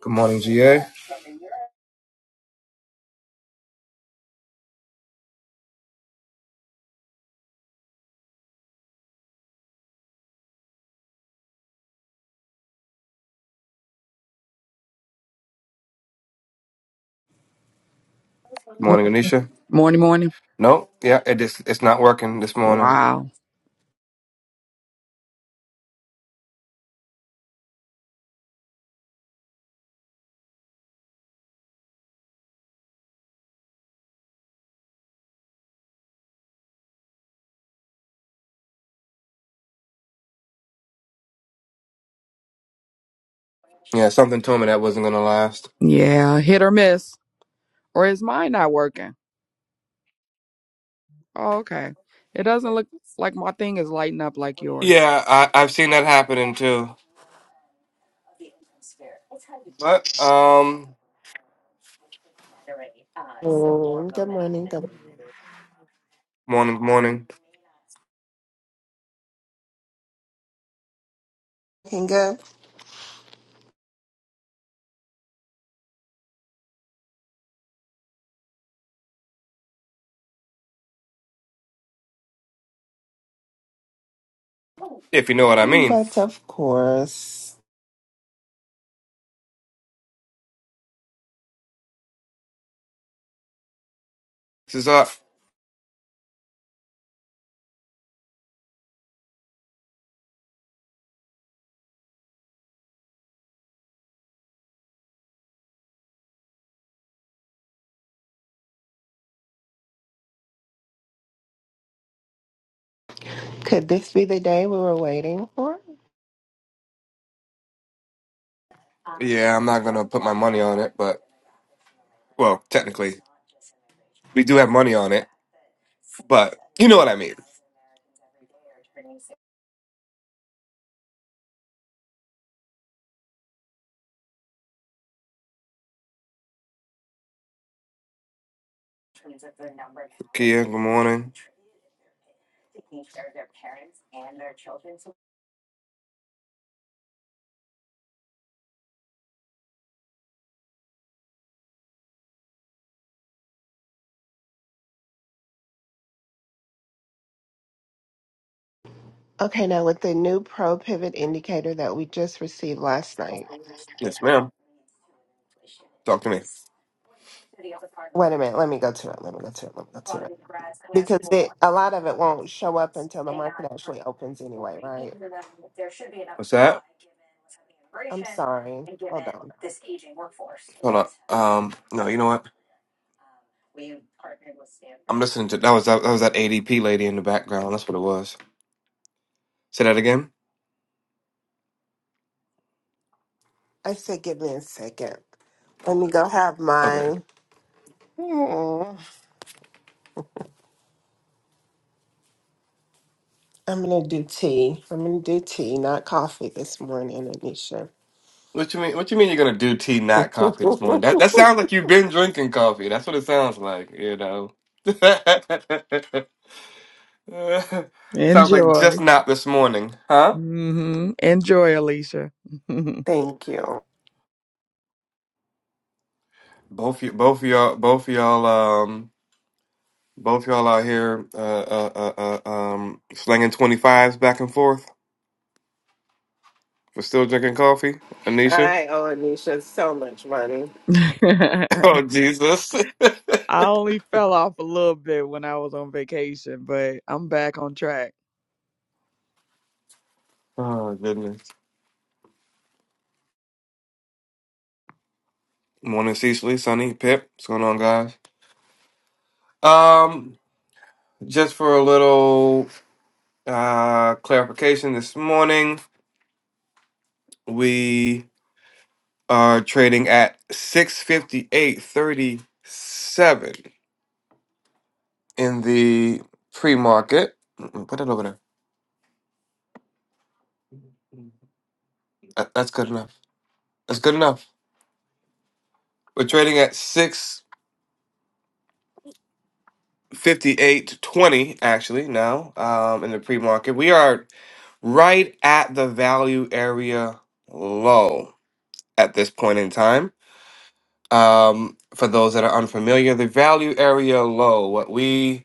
Good morning, GA. Good morning, Anisha. Morning, morning. No, yeah, it just it's not working this morning. Wow. Yeah, something told me that wasn't gonna last. Yeah, hit or miss. Or is mine not working? Oh, okay. It doesn't look like my thing is lighting up like yours. Yeah, I, I've seen that happening too. But um, Mm, Good morning. Good morning, good morning. morning. good. If you know what I mean. But of course, This is up. could this be the day we were waiting for? Yeah, I'm not gonna put my money on it, but well, technically we do have money on it, but you know what I mean. Kia, good morning. Okay, now with the new pro pivot indicator that we just received last night. Yes, ma'am. Talk to me. Wait a minute. Let me go to it. Let me go to it. Let me go to it. Because it, a lot of it won't show up until the market actually opens anyway, right? What's that? I'm sorry. Hold on. Hold on. Um, no, you know what? I'm listening to that was that, that was that ADP lady in the background. That's what it was. Say that again. I said, give me a second. Let me go have Okay. my. Hmm. I'm gonna do tea. I'm gonna do tea, not coffee this morning, Anisha. What you mean? What you mean? You're gonna do tea, not coffee this morning? That that sounds like you've been drinking coffee. That's what it sounds like. You know. sounds like just Enjoy. not this morning, huh? hmm Enjoy, Alicia. Thank you. Both you, both of y'all, both of y'all, um, both of y'all out here, uh, uh, uh, uh um, slinging twenty fives back and forth. We're still drinking coffee, Anisha. I owe Anisha so much money. I Oh Jesus. only fell off a little bit when I was on vacation, but I'm back on track. oh goodness. Morning, Cecily, Sunny, Pip. What's going on, guys? Um, just for a little. Uh, clarification this morning. We are trading at 658.37 in the pre market. Put it over there. That- That's good enough. That's good enough. We're trading at 658.20 actually now um, in the pre market. We are right at the value area low at this point in time. Um, for those that are unfamiliar, the value area low, what we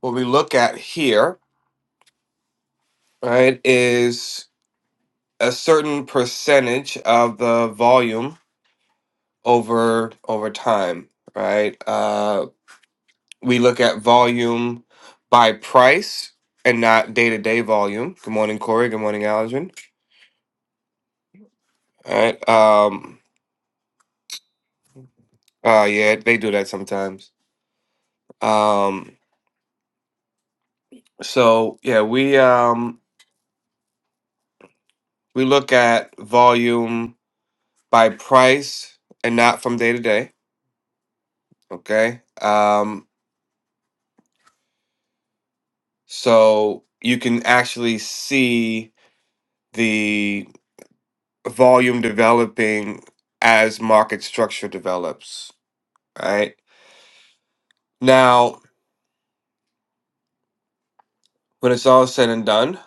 what we look at here, right, is a certain percentage of the volume over over time, right? Uh, we look at volume by price and not day to day volume. Good morning, Corey. Good morning, Allergen. All right. Um, uh, yeah, they do that sometimes. Um, so yeah, we um, we look at volume by price and not from day to day. Okay. Um, So you can actually see the volume developing as market structure develops, right? Now, when it's all said and done,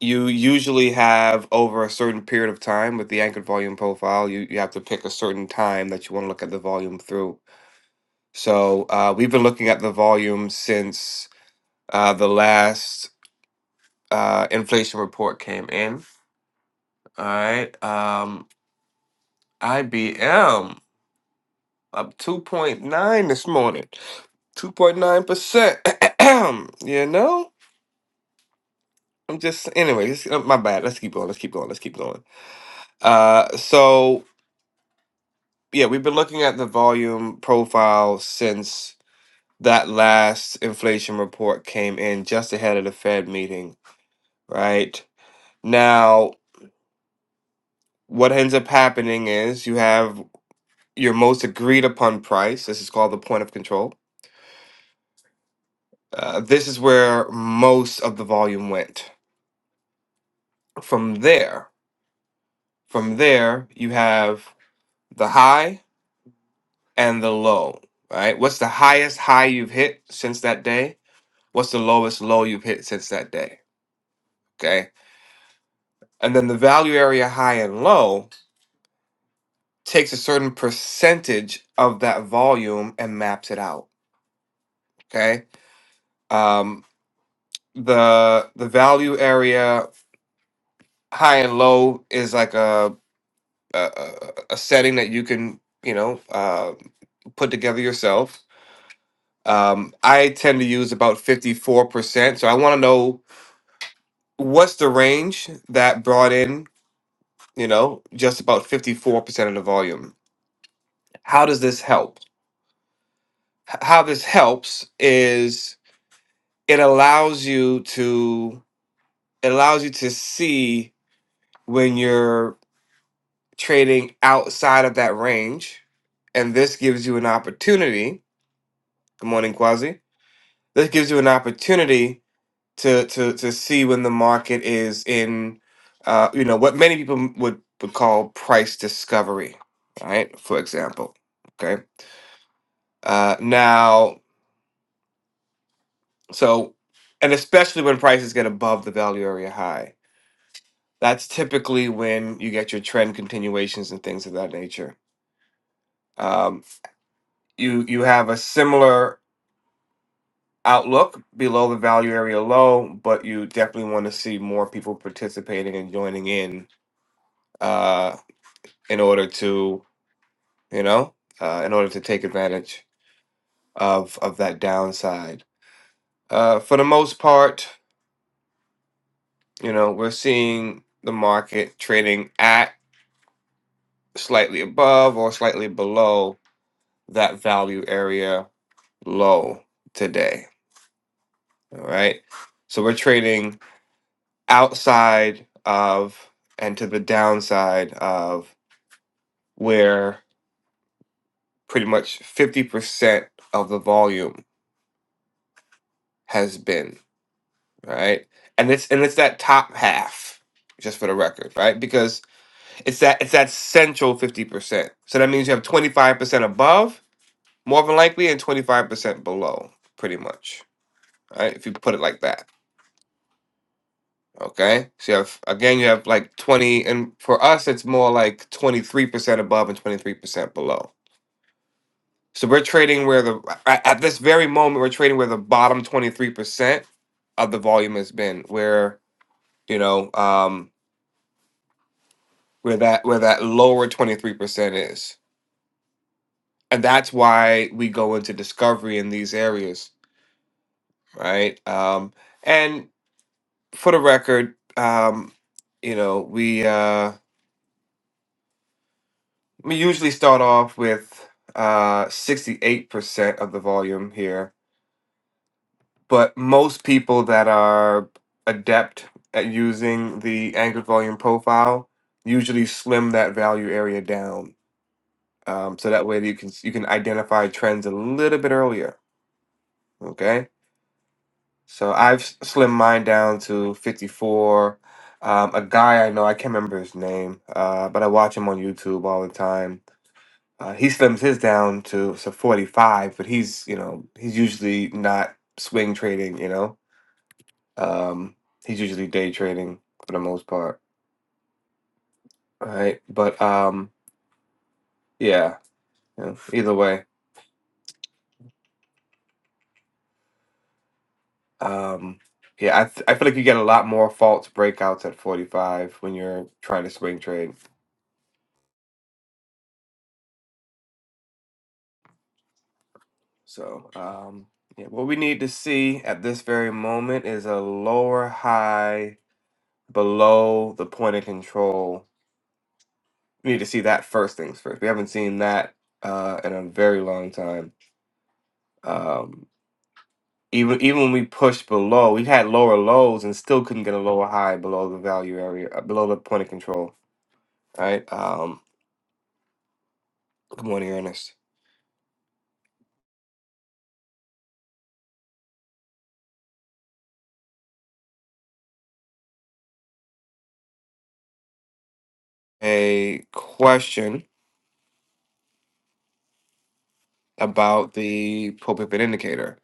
you usually have over a certain period of time with the anchored volume profile, you, you have to pick a certain time that you want to look at the volume through. So uh, we've been looking at the volume since uh, the last uh, inflation report came in. All right. Um, IBM. Up 2.9 this morning. 2.9%. you know? I'm just, anyways, uh, my bad. Let's keep going. Let's keep going. Let's keep going. Uh, so, yeah, we've been looking at the volume profile since that last inflation report came in just ahead of the Fed meeting, right? Now, what ends up happening is you have your most agreed upon price. This is called the point of control. Uh, this is where most of the volume went from there, from there, you have the high and the low, right? What's the highest high you've hit since that day? What's the lowest low you've hit since that day? Okay. And then the value area high and low takes a certain percentage of that volume and maps it out. Okay. Um, the the value area high and low is like a a, a a setting that you can you know uh, put together yourself Um, I tend to use about 54%. So I want to know what's the range that brought in, you know, just about 54% of the volume. How does this help? H- How this helps is it allows you to it allows you to see when you're trading outside of that range. And this gives you an opportunity. Good morning, Quasi. This gives you an opportunity to to to see when the market is in uh, you know what many people would would call price discovery right for example okay uh, now so and especially when prices get above the value area high that's typically when you get your trend continuations and things of that nature um, you you have a similar outlook below the value area low but you definitely want to see more people participating and joining in uh, in order to you know, uh, in order to take advantage of of that downside. Uh, for the most part, you know, we're seeing the market trading at slightly above or slightly below that value area low today. All right, so we're trading outside of and to the downside of where pretty much fifty percent of the volume has been right? And it's and it's that top half, just for the record, right? Because it's that it's that central fifty percent. So that means you have twenty five percent above, more than likely, and twenty five percent below, pretty much, right? If you put it like that, okay. So you have again, you have like twenty, and for us, it's more like twenty three percent above and twenty three percent below. So we're trading where the at at this very moment we're trading where the bottom twenty three percent of the volume has been, where you know um where that where that lower 23% is and that's why we go into discovery in these areas right um and for the record um you know we uh we usually start off with uh 68% of the volume here but most people that are adept at using the anchored volume profile usually slim that value area down um, so that way you can you can identify trends a little bit earlier Okay. So I've s- slimmed mine down to 54. Um, a guy I know, I can't remember his name, uh, but I watch him on YouTube all the time. Uh, he slims his down to so 45, but he's, you know, he's usually not swing trading, you know. Um, he's usually day trading for the most part, right? But um, yeah, you know, either way, um, yeah, I, th- I feel like you get a lot more false breakouts at 45 when you're trying to swing trade. So, um, yeah, what we need to see at this very moment is a lower high below the point of control. We need to see that first things first. We haven't seen that uh, in a very long time. Um, even even when we pushed below, we had lower lows and still couldn't get a lower high below the value area, uh, below the point of control. All right. Um, good morning, Ernest. A question about the pulpit indicator.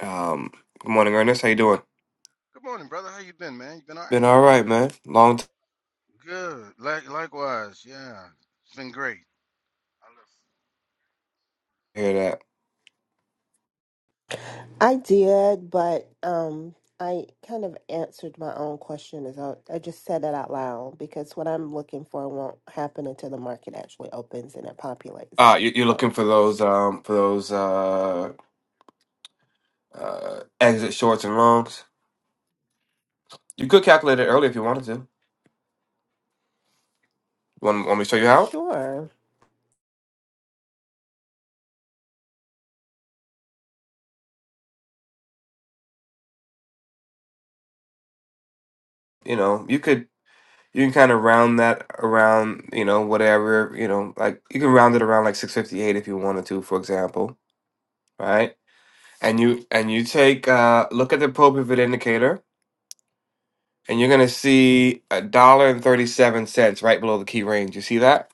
Um, good morning, Ernest. How you doing? Good morning, brother. How you been, man? You been all Been right? all right, man. Long time Good. Like, likewise. Yeah, it's been great. I look to hear that. I did, but um, I kind of answered my own question as I, I just said that out loud because what I'm looking for won't happen until the market actually opens and it Ah, populates. you, you're looking So, for those um for those uh uh exit shorts and longs. You could calculate it early if you wanted to. Want, want me to show you how? sure, You know, you could you can kind of round that around you know whatever you know like you can round it around like six fifty eight if you wanted to, for example, right? And you and you take uh look at the pro pivot indicator and you're gonna see a dollar and thirty seven cents right below the key range. You see that?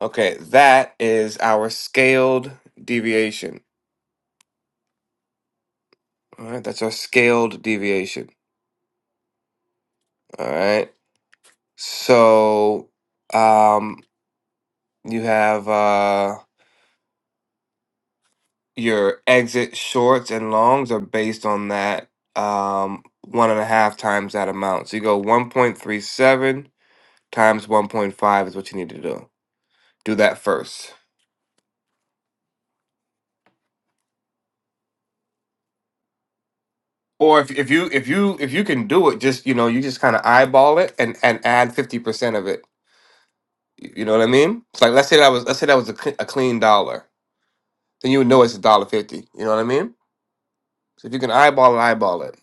Okay, that is our scaled deviation. All right, that's our scaled deviation. All right. So, um, you have uh your exit shorts and longs are based on that um one and a half times that amount. So you go 1.37 times 1.5 is what you need to do. Do that first. Or if if you if you if you can do it, just you know, you just kind of eyeball it and and add 50% of it You you know what I mean? It's like let's say that was let's say that was a, cl- a clean dollar, then you would know it's a dollar fifty. You know what I mean? So if you can eyeball it, eyeball it.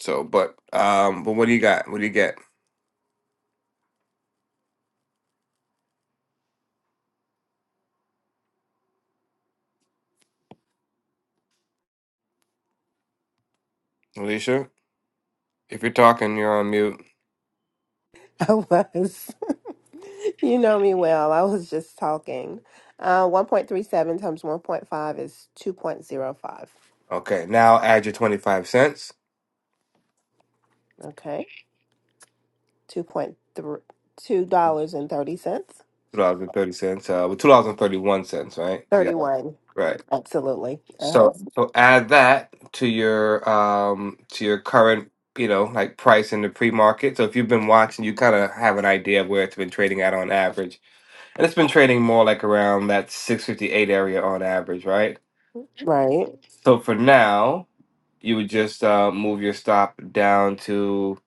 So, but um, but what do you got? What do you get, Alicia? If you're talking, you're on mute. I was. you know me well. I was just talking. Uh, 1.37 times 1.5 is 2.05. Okay, now add your twenty five cents, Okay, $2.30. 32 and thirty cents. two dollars and thirty cents, uh, well, two dollars and thirty one cents, right? 'Cause you got- 31. right. Absolutely. Uh-huh. So so add that to your um to your current you know like price in the pre market. So if you've been watching, you kind of have an idea of where it's been trading at on average And it's been trading more like around that 658 area on average, right? Right. So for now, you would just uh, move your stop down to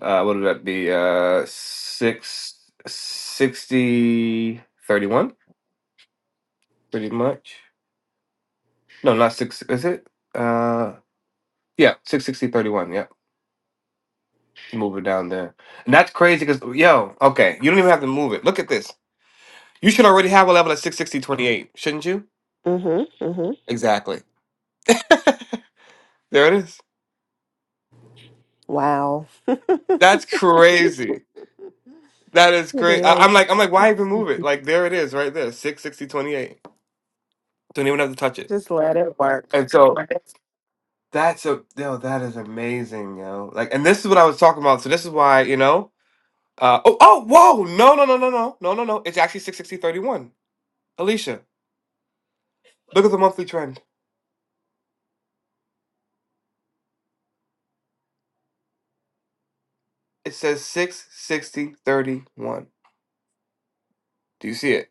uh, what would that be? Uh, six sixty thirty one, pretty much. No, not six. Is it? Uh, yeah, six sixty thirty one. Yeah, move it down there, and that's crazy because yo, okay, you don't even have to move it. Look at this. You should already have a level at six sixty twenty eight, shouldn't you? Mm-hmm. Mm-hmm. Exactly. There it is. Wow. That's crazy. That is It great. I, I'm is. like, I'm like, why even move it? Like, there it is, right there, six sixty twenty eight. Don't even have to touch it. Just let it work. And so that's a yo, that is amazing, yo. Like, and this is what I was talking about. So this is why, you know, uh, oh, oh, whoa, no, no, no, no, no, no, no, no. It's actually six sixty thirty one. Alicia, look at the monthly trend. It says six sixty thirty one. Do you see it?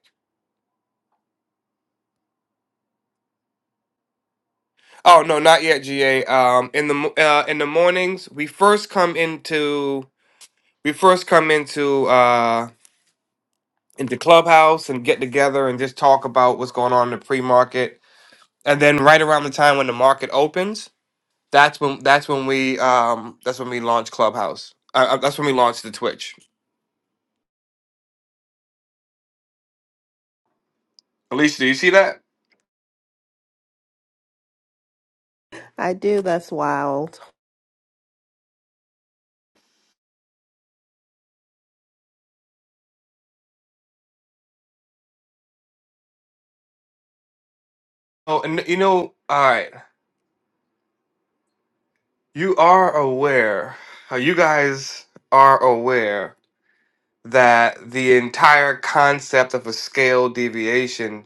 Oh no, not yet, GA. Um, in the mo- uh, in the mornings, we first come into we first come into. uh, into clubhouse and get together and just talk about what's going on in the pre-market and then right around the time when the market opens that's when that's when we um that's when we launch clubhouse uh, uh, that's when we launch the twitch alicia do you see that I do. That's wild. oh and you know all right you are aware uh, you guys are aware that the entire concept of a scale deviation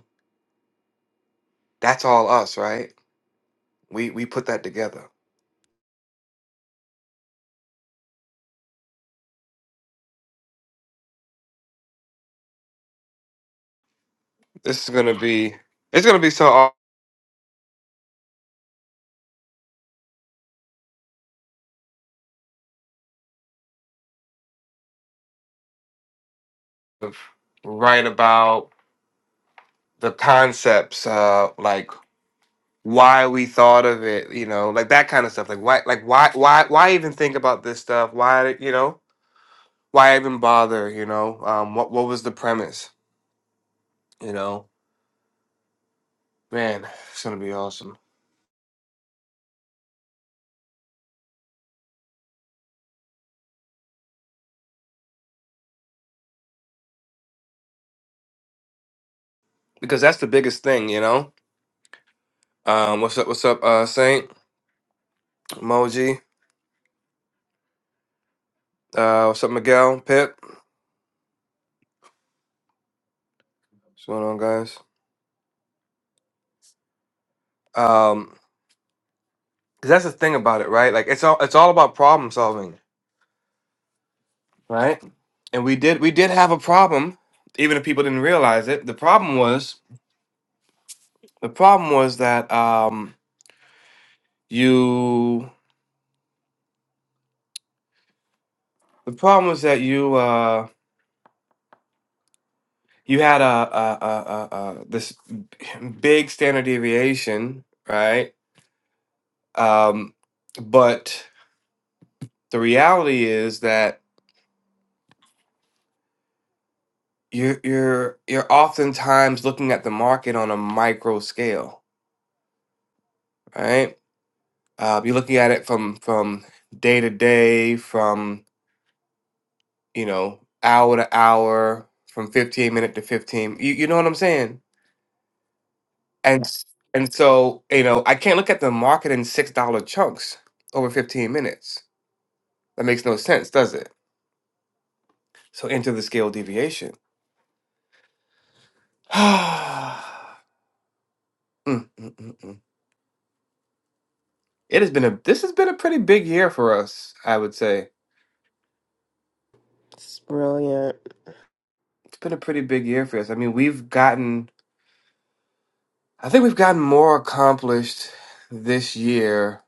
that's all us right we we put that together this is gonna be it's gonna be so of write about the concepts, uh, like why we thought of it, you know, like that kind of stuff. Like why, like why, why, why even think about this stuff? Why, you know, why even bother? You know, um, what what was the premise? You know, man, it's gonna be awesome because that's the biggest thing. You know, um, what's up? What's up? Uh, Saint Moji. Uh, what's up, Miguel? Pip. What's going on, guys? Um, 'cause that's the thing about it, right? Like it's all it's all about problem solving right? And we did we did have a problem, even if people didn't realize it. The problem was the problem was that um you the problem was that you uh you had a a a, a, a this big standard deviation, right? Um, but the reality is that you're you're you're oftentimes looking at the market on a micro scale, right? Uh, you're looking at it from from day to day, from you know, hour to hour, from 15 minute to 15. You, you know what I'm saying? And s- and so, you know, I can't look at the market in $6 chunks over 15 minutes. That makes no sense, does it? So into the scale deviation. Mm, mm, mm, mm. It has been a this has been a pretty big year for us, I would say. It's brilliant. It's been a pretty big year for us. I mean, we've gotten I think we've gotten more accomplished this year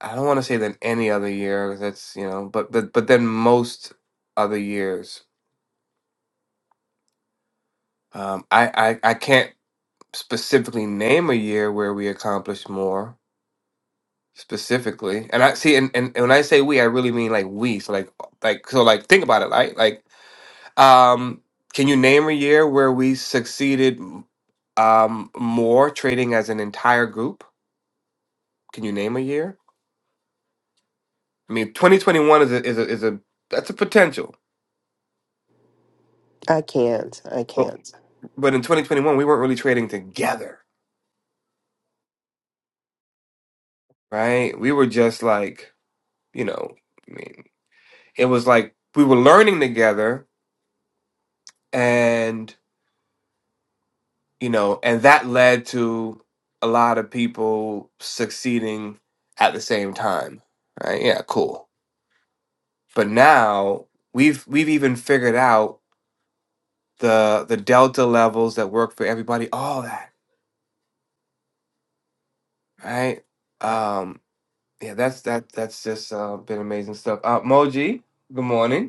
I don't want to say than any other year. 'cause That's you know, but but but then most other years. Um, I, I I can't specifically name a year where we accomplished more specifically. And I see, and, and, and when I say we, I really mean like we. So like like so like think about it. Like like um, can you name a year where we succeeded um more trading as an entire group? Can you name a year? I mean, 2021 is a is a is a that's a potential. I can't. I can't. but in 2021 we weren't really trading together right we were just like you know i mean it was like we were learning together and you know and that led to a lot of people succeeding at the same time right yeah cool but now we've we've even figured out the the delta levels that work for everybody all that right um yeah that's that that's just uh, been amazing stuff uh moji good morning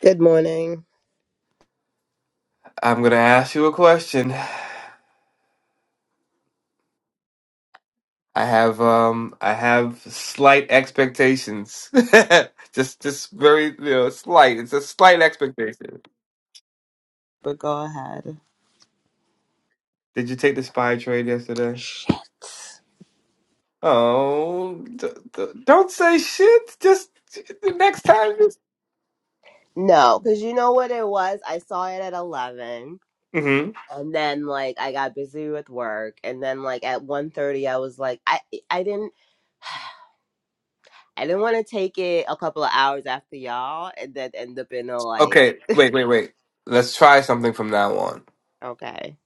Good morning. I'm gonna ask you a question. I have um I have slight expectations. just just very you know slight. It's a slight expectation. But go ahead. Did you take the spy trade yesterday? Oh, d- d- don't say shit. Just the next time. Just... No, because you know what it was? I saw it at 11 hmm and then like I got busy with work and then like at one thirty, I was like I I didn't I didn't want to take it a couple of hours after y'all and then end up in a like Okay, wait, wait, wait. Let's try something from now on. okay.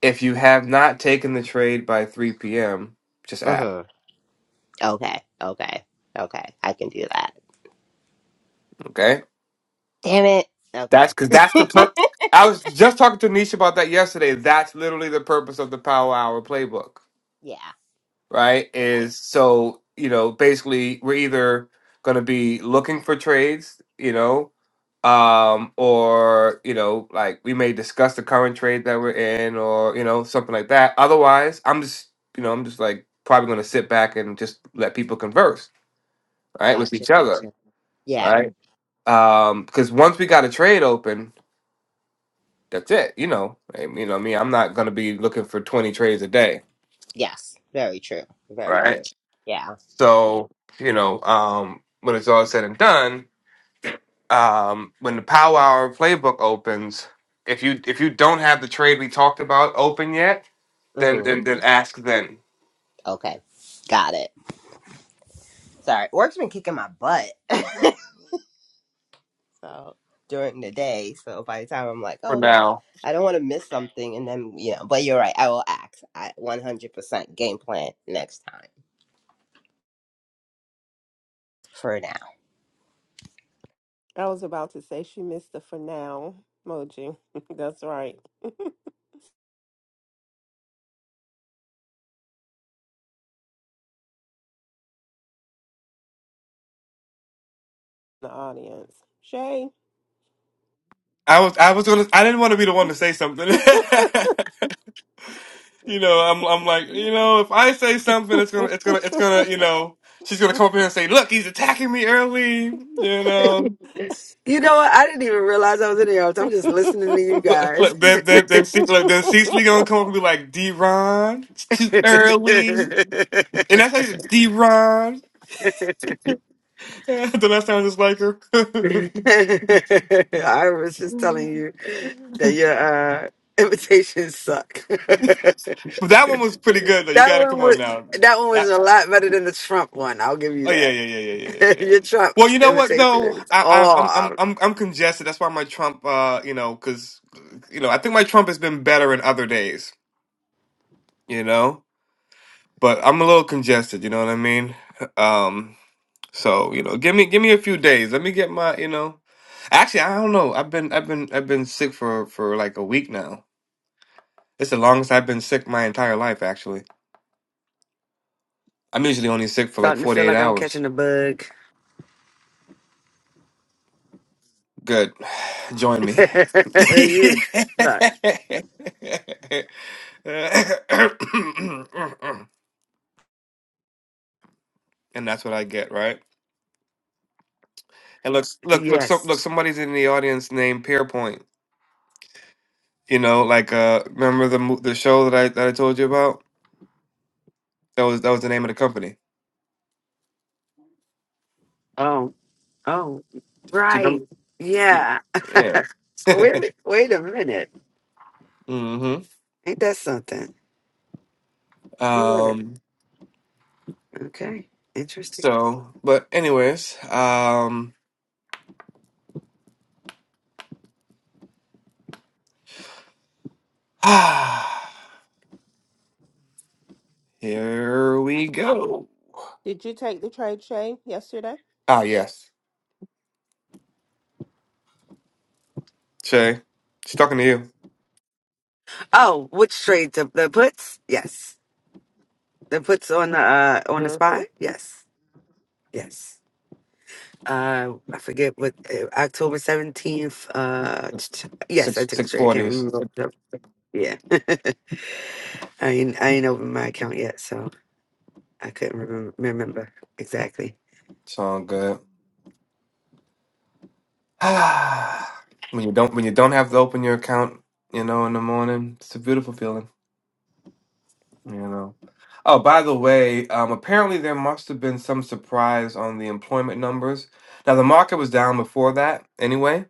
If you have not taken the trade by 3 p.m., just ask. Mhm. Okay. Okay. Okay. I can do that. Okay. Damn it. That's Okay. because that's the per. I was just talking to Nisha about that yesterday. That's literally the purpose of the Power Hour playbook, yeah. right? Yeah. Is so you know basically we're either going to be looking for trades, you know, um, or you know like we may discuss the current trade that we're in, or you know something like that. Otherwise, I'm just you know I'm just like probably going to sit back and just let people converse, right, with Gotcha. each other, Gotcha. Yeah. right? Um, because once we got a trade open. that's it. You know, I mean, you know, me, I'm not gonna be looking for 20 trades a day, Yes. Very true. Very right? true. Right. Yeah. Yeah. So, you know, um, when it's all said and done, um, when the Power Hour playbook opens, if you if you don't have the trade we talked about open yet, then Mm-hmm. then, then ask then. Okay, got it. Sorry, work's been kicking my butt so, during the day. So by the time I'm like, For oh no, now, I don't want to miss something, and then you know. But you're right. I will act. I 100% game plan next time. For now, I was about to say she missed the for now emoji. That's right. The audience. Shay. I was I was gonna I didn't want to be the one to say something. you know, I'm I'm like you know if I say something, it's gonna it's gonna it's gonna you know she's gonna come up here and say, "Look, he's attacking me early," you know. You know what? I didn't even realize I was in the office. I'm just listening to you Look, guys. look, then, then, then, C, look, then Cecily gonna come up and be like, D-Ron, it's too early. And that's how you D-Ron. the last time I just like her. but I was just telling you that your uh, invitations suck. that that one was pretty good, though. You gotta one come on was now. that one was That- a lot better than the Trump one. I'll give you oh, yeah, yeah, that. yeah, yeah, yeah, yeah. yeah. your Trump Well, you know what, invitation though? is I, I, oh, I'm, I'm, I'm, I'm congested. That's why my Trump, uh, you know, because, you know, I think my Trump has been better in other days, you know? But I'm a little congested, you know what I mean? Um. So you know, give me give me a few days. Let me get my you know. Actually, I don't know. I've been I've been I've been sick for for like a week now. It's the longest I've been sick my entire life. Actually, I'm usually only sick for like starting to feel 48 like I'm hours. catching a bug. Good, join me. you suck. and that's what I get, right? And look, look, look, so, look. Yes. Somebody's in the audience named Pierpoint. You know, like uh, remember the mo- the show that I that I told you about? That was that was the name of the company. Oh. Oh. Do Right. you remember? Yeah. Yeah. So wait. Wait a minute. mm-hmm. Ain't that something? What at it. Um. Okay. Interesting. So, but anyways, um, here we go. Did you take the trade, Shay, yesterday? Ah, yes, Shay, she's talking to you. Oh, which trade? The, the puts? Yes. The puts on the uh on the Mm-hmm. spy? Yes. Yes. Uh I forget what uh, October seventeenth, uh It's t- t- yes, I six took the six trade. I can't forties. remember. what Yeah. I ain't I ain't opened my account yet, so I couldn't remember, remember exactly. It's all good. Ah. when you don't when you don't have to open your account, you know, in the morning, it's a beautiful feeling. You know. Oh, by the way, um, apparently there must have been some surprise on the employment numbers. Now the market was down before that anyway,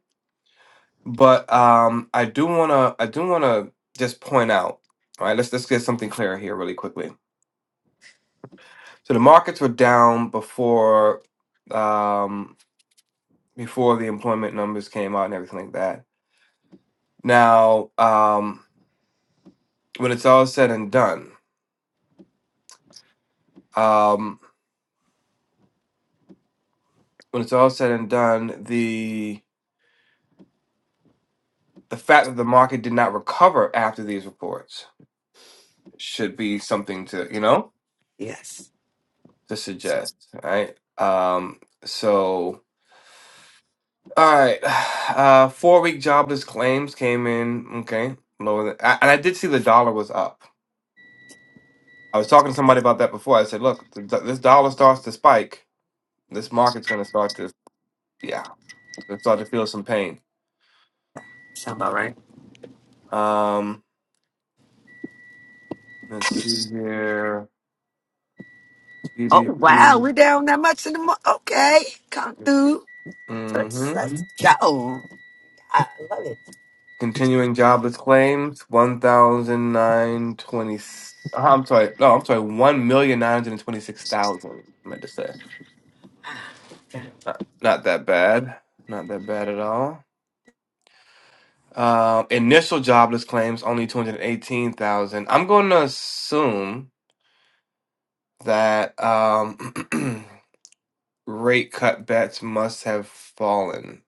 but um, I do wanna I do wanna just point out. All right, let's let's get something clear here really quickly. So the markets were down before um, before the employment numbers came out and everything like that. Now, um, when it's all said and done, um, when it's all said and done, the fact that the market did not recover after these reports should be something to you know Yes. to suggest right um so all right uh four week jobless claims came in okay lower than I, and i did see the dollar was up i was talking to somebody about that before i said look th- th- this dollar starts to spike this market's going to start to yeah it's going to start to feel some pain Sound about right. um let's see here Oh wow, gdp we're down that much in the mo- okay. Come through. Let's let's go. I love it. Continuing jobless claims, one thousand nine twenty. uh, I'm sorry. No, I'm sorry. 1,926,000. I meant to say. Not, not that bad. Not that bad at all. Uh, initial jobless claims, only 218,000. I'm going to assume that um, rate cut bets must have fallen.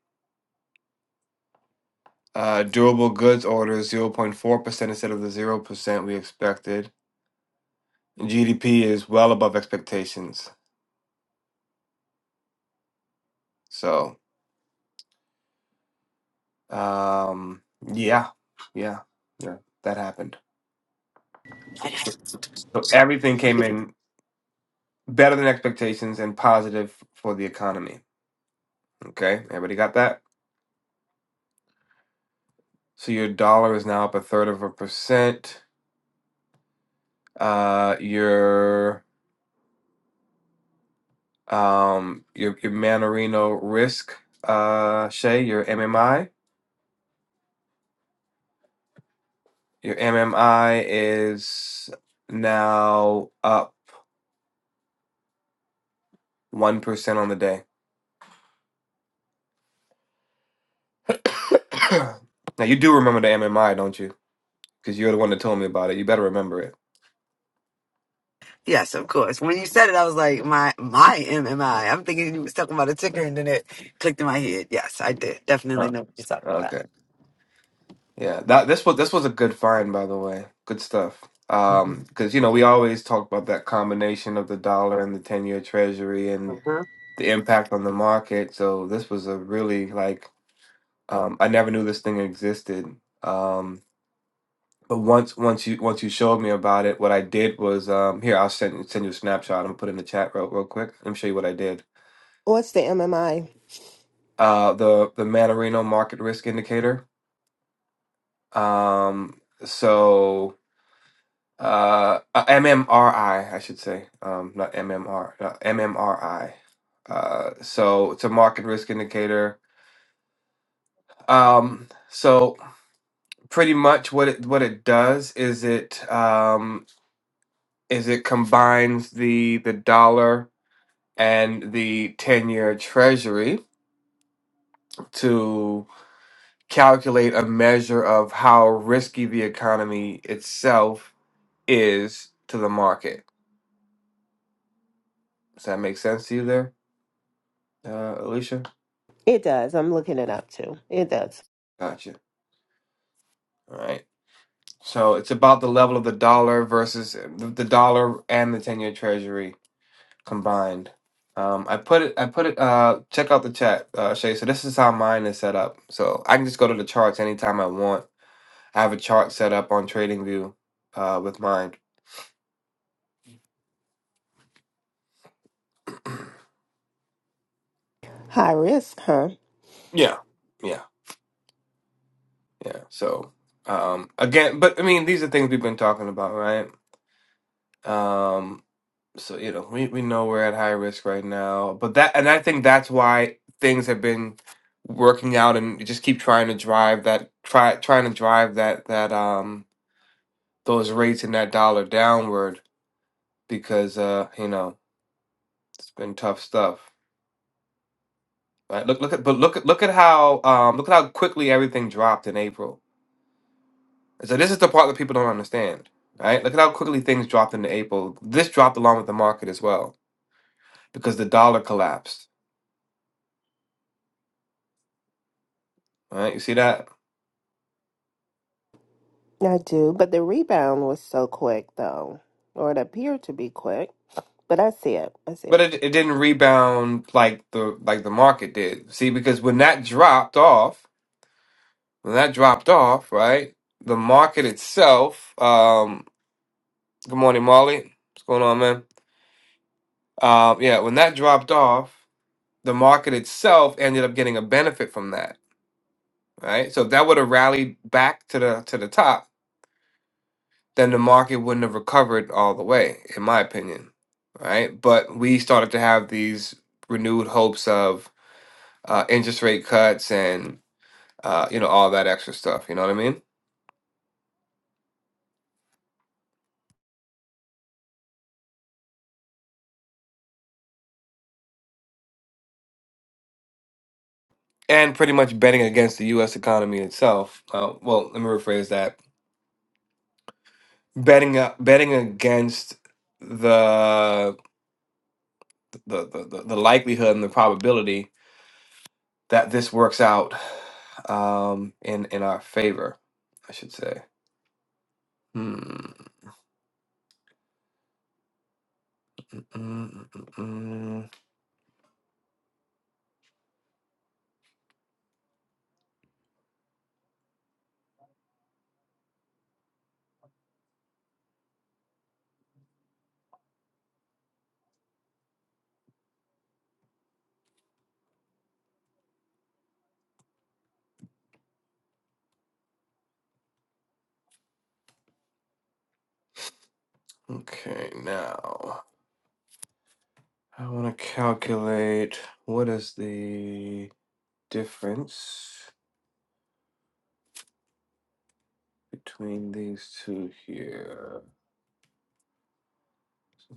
Uh, durable goods orders, 0.4% instead of the 0% we expected. GDP is well above expectations. So, um, yeah, yeah, yeah, that happened. So, so so everything came in better than expectations and positive for the economy. Okay, everybody got that? So your dollar is now up a third of a percent. Uh, your um, your your Manorino risk, uh, Shay, your MMI, your MMI is now up one percent on the day. now you do remember the MMI, don't you? Because you're the one that told me about it. You better remember it. Yes, of course. When you said it, I was like, my my MMI. I'm thinking you was talking about a ticker, and then it clicked in my head. Yes, I did. Definitely Huh. know what you're talking about. Okay. Yeah. That this was this was a good find, by the way. Good stuff. Mm-hmm. Um, because you know we always talk about that combination of the dollar and the ten-year Treasury and Uh-huh. the impact on the market. So this was a really like um, I never knew this thing existed. Um, But once once you once you showed me about it, what I did was um here I'll send send you a snapshot. I'm gonna put it in the chat real real quick. Let me show you what I did. What's the MMI? Uh the the Manorino market risk indicator. Um so uh uh, MMRI should say. Um not MMR, not MMRI. Uh so it's a market risk indicator. Um so pretty much what it what it does is it um is it combines the the dollar and the 10 year treasury to calculate a measure of how risky the economy itself is to the market. Does that make sense to you there, uh, Alicia? It does. I'm looking it up too. It does. Gotcha. All right. So it's about the level of the dollar versus the the dollar and the 10 year treasury combined. Um, I put it, I put it, uh, check out the chat, uh, Shay. So this is how mine is set up. So I can just go to the charts anytime I want I have a chart set up on TradingView uh, with mine. High risk, huh? yeah, yeah, yeah. So um, again, but I mean, these are things we've been talking about, right? Um, so you know, we we know we're at high risk right now, but that and I think that's why things have been working out, and you just keep trying to drive that try trying to drive that that um those rates and that dollar downward because uh you know it's been tough stuff. Right? Look, look at, but look at, look at how, um, look at how quickly everything dropped in April. So this is the part that people don't understand, right? Look at how quickly things dropped into April. This dropped along with the market as well because the dollar collapsed, right? You see that? I do, but the rebound was so quick, though, or it appeared to be quick. But I see it. I see But it. it, it didn't rebound like the like the market did. See, because when that dropped off, when that dropped off, right? The market itself. Um, good morning, Molly. What's going on, man? Um, yeah, when that dropped off, the market itself ended up getting a benefit from that right? So if that would have rallied back to the to the top, then the market wouldn't have recovered all the way, in my opinion, right? But we started to have these renewed hopes of uh, interest rate cuts and uh, you know all that extra stuff. You know what I mean? And pretty much betting against the U.S. economy itself. Uh, well, let me rephrase that: betting uh, betting against the the the, the the likelihood and the probability that this works out um, in in our favor, I should say. Hmm. mm, mm, mm, mm. Okay, now I want to calculate what is the difference between these two here.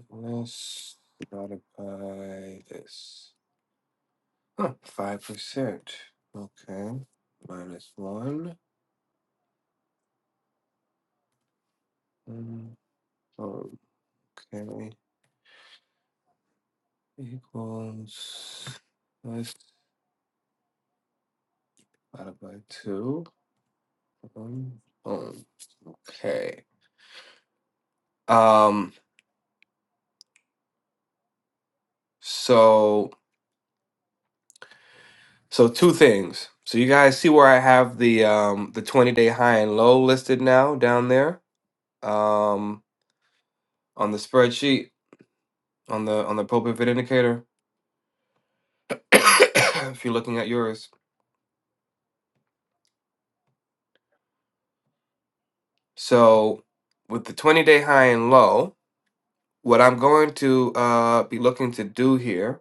Let's multiply this. Huh, Five percent. Okay, minus one. Mm, Okay. equals let's divided by two. Um, okay. Um. So so two things. So you guys see where I have the um the twenty day high and low listed now down there um on the spreadsheet on the on the pivot indicator if you're looking at yours. So with the twenty day high and low, what I'm going to uh be looking to do here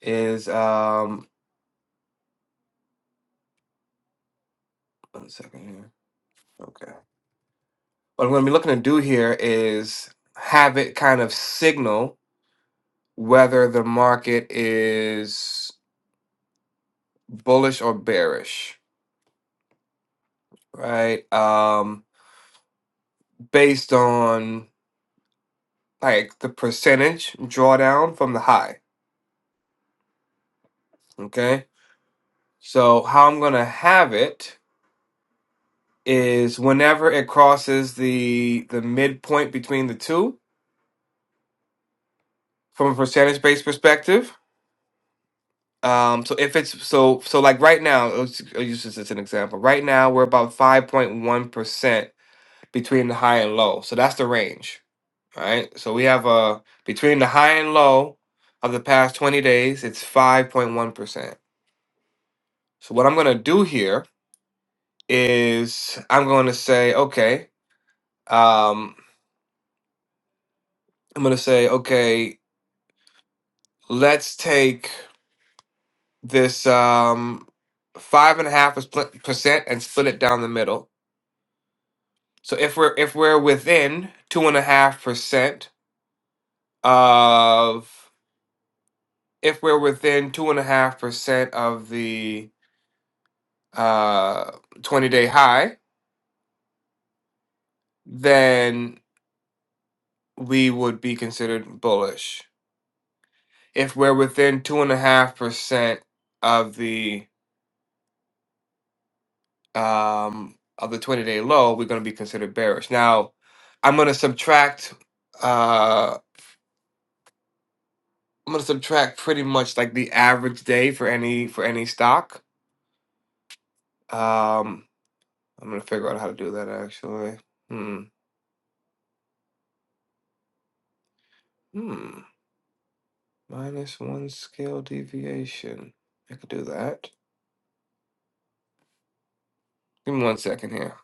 is um one second Okay. What I'm going to be looking to do here is have it kind of signal whether the market is bullish or bearish, right? Um, based on like the percentage drawdown from the high. Okay. So how I'm going to have it is whenever it crosses the the midpoint between the two from a percentage based perspective Um, so if it's so so like right now, let's- I'll use this as an example. Right now, we're about 5.1% between the high and low. So that's the range, right? So we have a between the high and low of the past 20 days, it's 5.1%. So what I'm gonna do here is I'm gonna say, okay, um, I'm gonna say, okay, let's take this um five and a half percent and split it down the middle So if we're if we're within two and a half percent of if we're within two and a half percent of the uh, twenty day high, then we would be considered bullish. If we're within two and a half percent of the um, of the twenty day low, we're going to be considered bearish. Now, I'm going to subtract. Uh, I'm going to subtract pretty much like the average day for any for any stock. Um, I'm gonna figure out how to do that actually. Hmm. Hmm. Minus one scale deviation. I could do that. Give me one second here.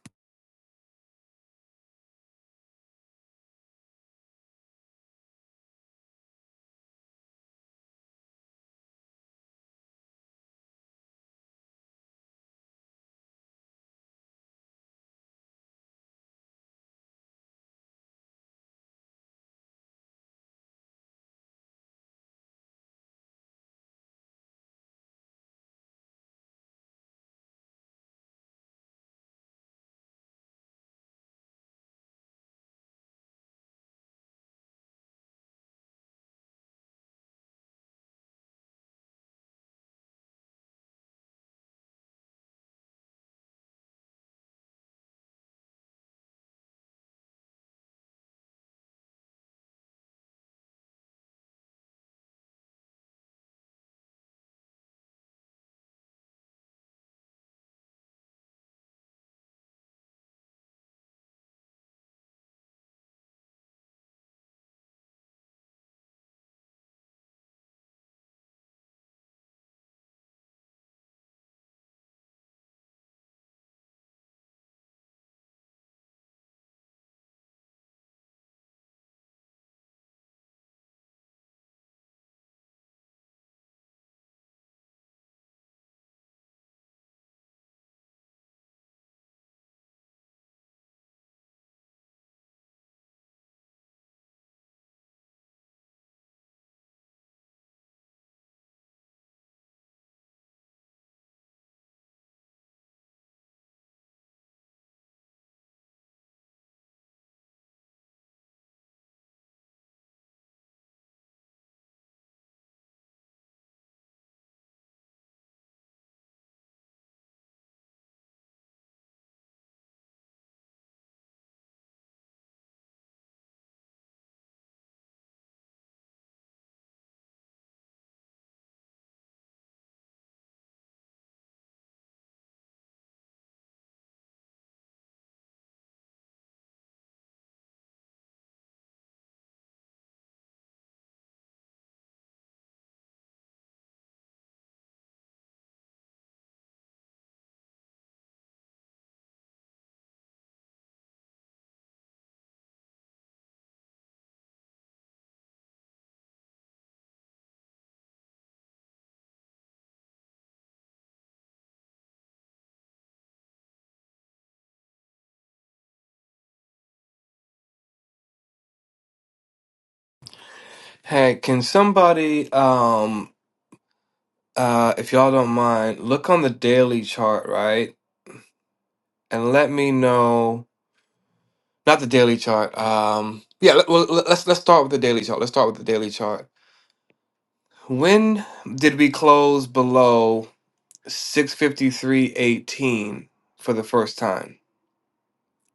Hey, can somebody um uh if y'all don't mind, look on the daily chart, right? And let me know not the daily chart. Um yeah, let, well let- let's let's start with the daily chart. Let's start with the daily chart. When did we close below 653.18 for the first time?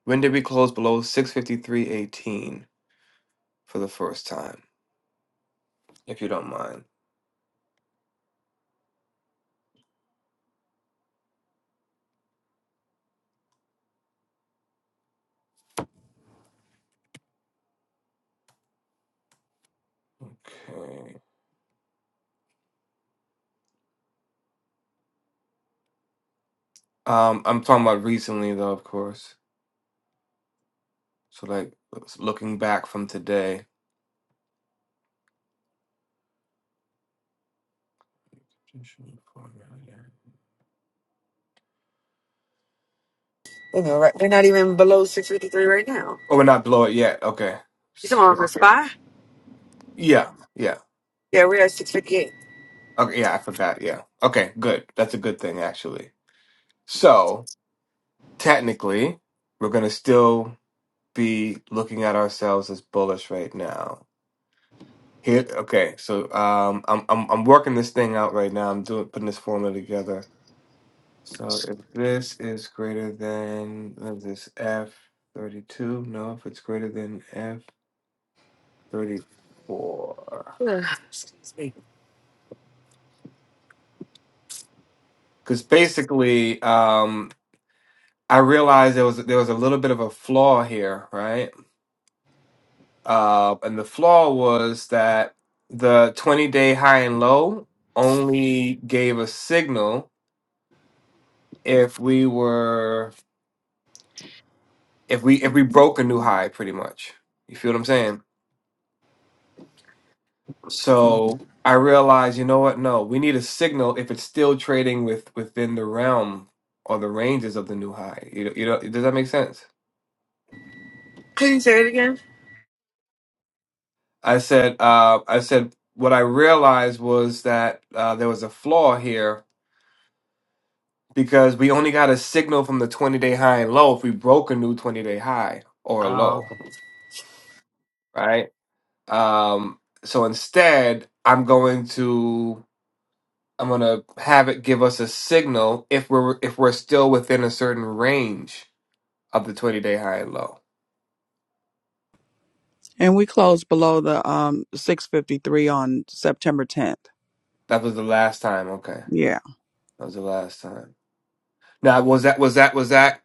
When did we close below 653.18 for the first time, if you don't mind? Okay. Um, I'm talking about recently, though, of course. So, like, looking back from today. You know, right? We're not even below 653 right now. Oh, we're not below it yet. Okay. You S- talking about the spy? Yeah. Yeah. Yeah, we're at 658. Okay. Yeah, I forgot. Yeah. Okay. Good. That's a good thing, actually. So, technically, we're going to still be looking at ourselves as bullish right now. Here, okay, so um, I'm I'm I'm working this thing out right now. I'm doing putting this formula together. So if this is greater than what is this F thirty two? No, if it's greater than F thirty four, Excuse me. because basically, um, I realized there was there was a little bit of a flaw here, right? Uh, and the flaw was that the twenty day high and low only gave a signal if we were if we if we broke a new high pretty much you feel what i'm saying so i realized you know what no we need a signal if it's still trading with within the realm or the ranges of the new high you know, you know does that make sense Can you say it again? i said uh i said what i realized was that uh, there was a flaw here because we only got a signal from the 20 day high and low if we broke a new 20 day high or a Oh, low okay. right um so instead i'm going to I'm gonna have it give us a signal if we're if we're still within a certain range of the 20 day high and low. And we closed below the um 653 on September 10th. That was the last time. Okay, Yeah. that was the last time. Now was that was that was that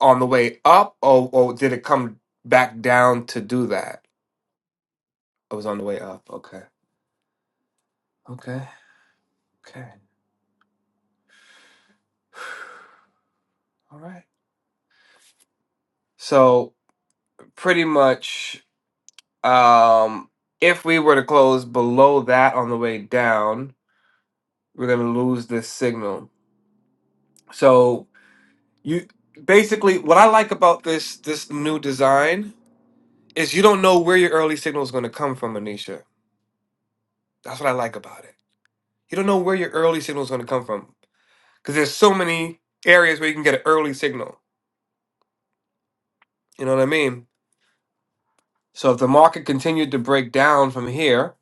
on the way up or or did it come back down to do that? It was on the way up. Okay, okay, okay. All right. So pretty much, um, if we were to close below that on the way down, we're gonna lose this signal. So You basically what I like about this this new design is you don't know where your early signal is going to come from, Anisha. That's what I like about it. You don't know where your early signal is going to come from because there's so many areas where you can get an early signal. You know what I mean? So if the market continued to break down from here,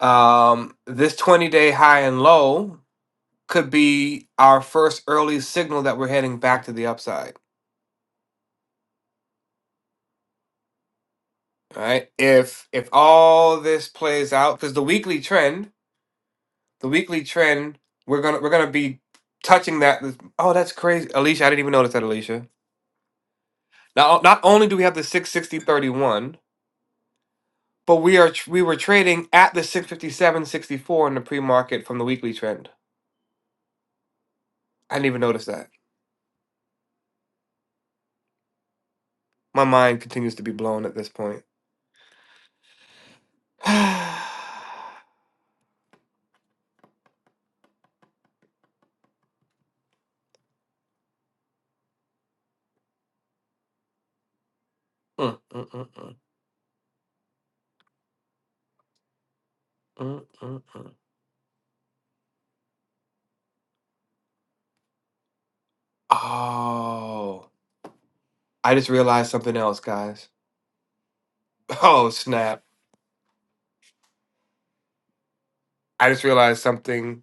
um, this 20 day high and low could be our first early signal that we're heading back to the upside. All right. If if all this plays out, because the weekly trend The weekly trend, we're gonna we're gonna be touching that. Oh, that's crazy, Alicia. I didn't even notice that, Alicia. Now, not only do we have the six sixty thirty one, but we are tr- we were trading at the six fifty seven sixty four in the pre market from the weekly trend. I didn't even notice that. My mind continues to be blown at this point. Mm, mm, mm, mm, mm, mm, mm. Oh, I just realized something else, guys. Oh, snap. I just realized something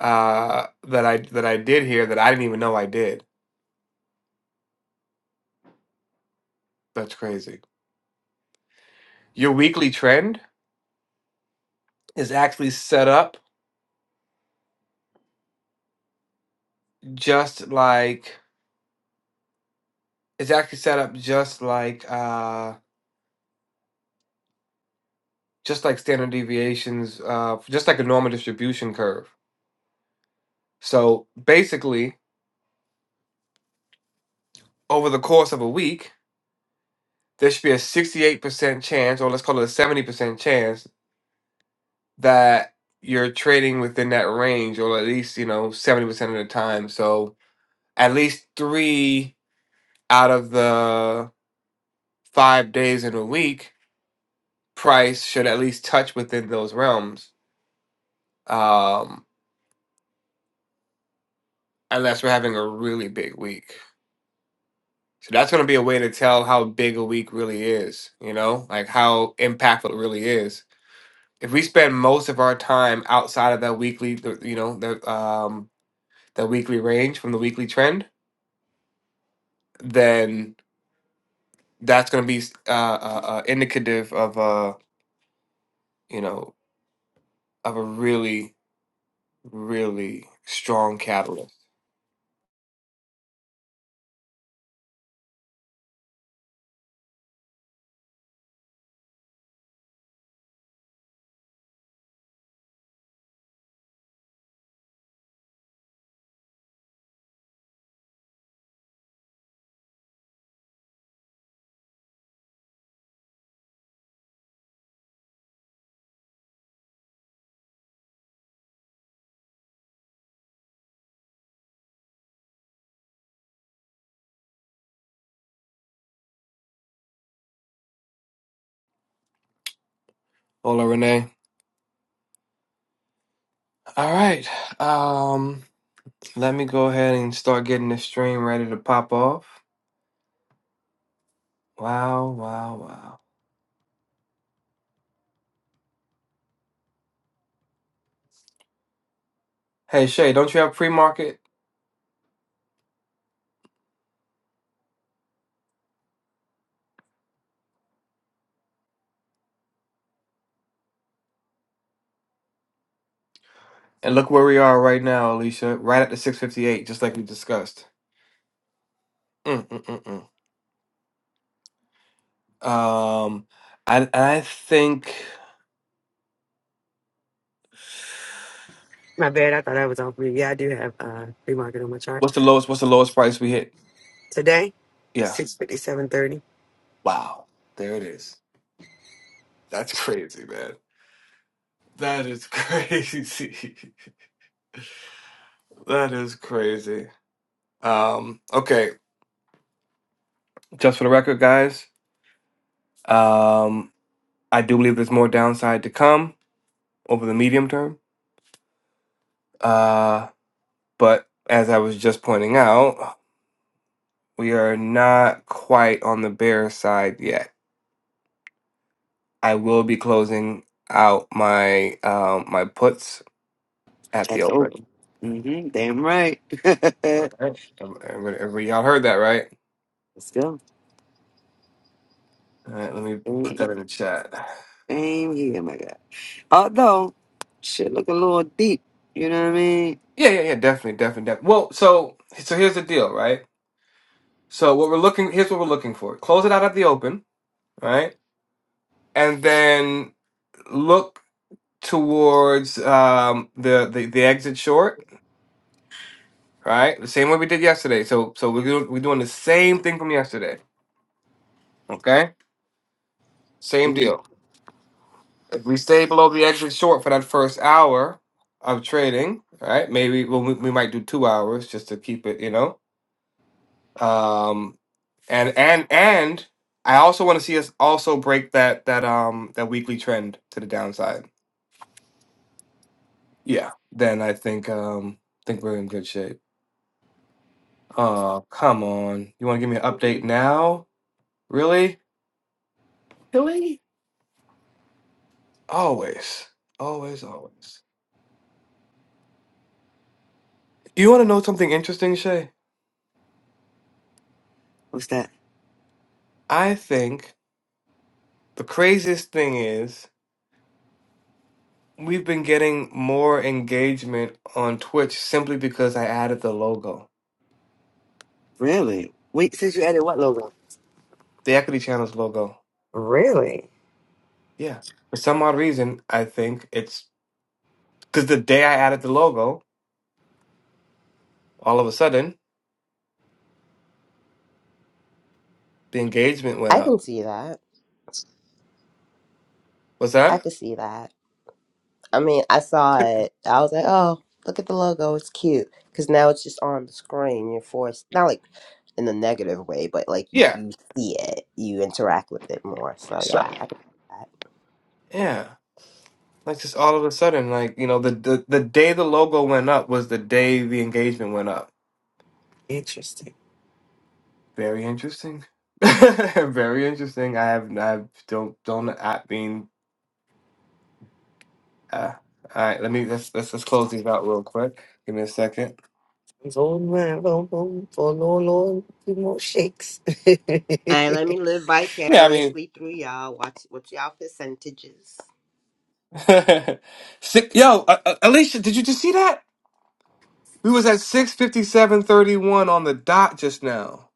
uh, that I that I did here that I didn't even know I did. That's crazy. Your weekly trend is actually set up just like it's actually set up just like uh, just like standard deviations, uh, just like a normal distribution curve. So basically, over the course of a week, there should be a sixty-eight percent chance, or let's call it a seventy percent chance, that you're trading within that range, or at least you know seventy percent of the time. So at least three out of the five days in a week, price should at least touch within those realms, um, unless we're having a really big week. So that's going to be a way to tell how big a week really is, you know, like how impactful it really is. If we spend most of our time outside of that weekly, the- you know, the um, the weekly range from the weekly trend, then that's going to be uh, uh, uh, indicative of a, you know, of a really, really strong catalyst. Hola, Renee. All right. Um, let me go ahead and start getting this stream ready to pop off. Wow, wow, wow. Hey, Shay, don't you have pre-market? And look where we are right now, Alicia. Right at the 658, just like we discussed. Mm, mm, mm, mm. Um, I I think My bad. I thought I was on free. Yeah, I do have uh pre-market on my chart what's the lowest what's the lowest price we hit? today. Yeah. 657.30. Wow. There it is. That's crazy, man. That is crazy. that is crazy. Um, okay. Just for the record, guys, um, I do believe there's more downside to come over the medium term. Uh, but as I was just pointing out, we are not quite on the bear side yet. I will be closing out my um, my puts at the That's open. open. Mm-hmm. Damn right. All right, everybody, everybody, y'all heard that, right? Let's go. All right, let me put that in the chat. Same here, my guy. Although, shit look a little deep. You know what I mean? Yeah, yeah, yeah, definitely, definitely, definitely. Well, so so here's the deal, right? So what we're looking here's what we're looking for. Close it out at the open, right? and then look towards um, the, the the exit short, right? The same way we did yesterday. So so we're doing, we're doing the same thing from yesterday. Okay, same Mm, deal. If we stay below the exit short for that first hour of trading, right? Maybe well, we, we might do two hours just to keep it, you know. Um, and and and I also want to see us also break that that um that weekly trend to the downside. Yeah, then I think um think we're in good shape. Oh, come on. You want to give me an update now? Really? Really? Always. Always, always. You want to know something interesting, Shay? what's that? I think the craziest thing is we've been getting more engagement on Twitch simply because I added the logo, Really? Wait, since you added what logo? the Equity Channel's logo. Really? Yeah. For some odd reason, I think it's because the day I added the logo, all of a sudden, the engagement went I can up. see that. Was I that? can see that. I mean, I saw But- it. I was like, oh, look at the logo. It's cute. Because now it's just on the screen. You're forced not like in the negative way, but like you Yeah. you see it. You interact with it more. So So yeah, I can. Yeah. Like just all of a sudden, like you know, the, the the day the logo went up was the day the engagement went up. Interesting. Very interesting. Very interesting. I have I have- don't don't I mean uh, all right. Let me let's let's let's close these out real quick. Give me a second. These old man, boom, boom, for no long, few more shakes. yeah, And let me live Yeah, I mean, vicariously through y'all. Watch what's y'all percentages. sick, yo, uh, uh, Alicia, did you just see that? We was at six fifty seven thirty one on the dot just now.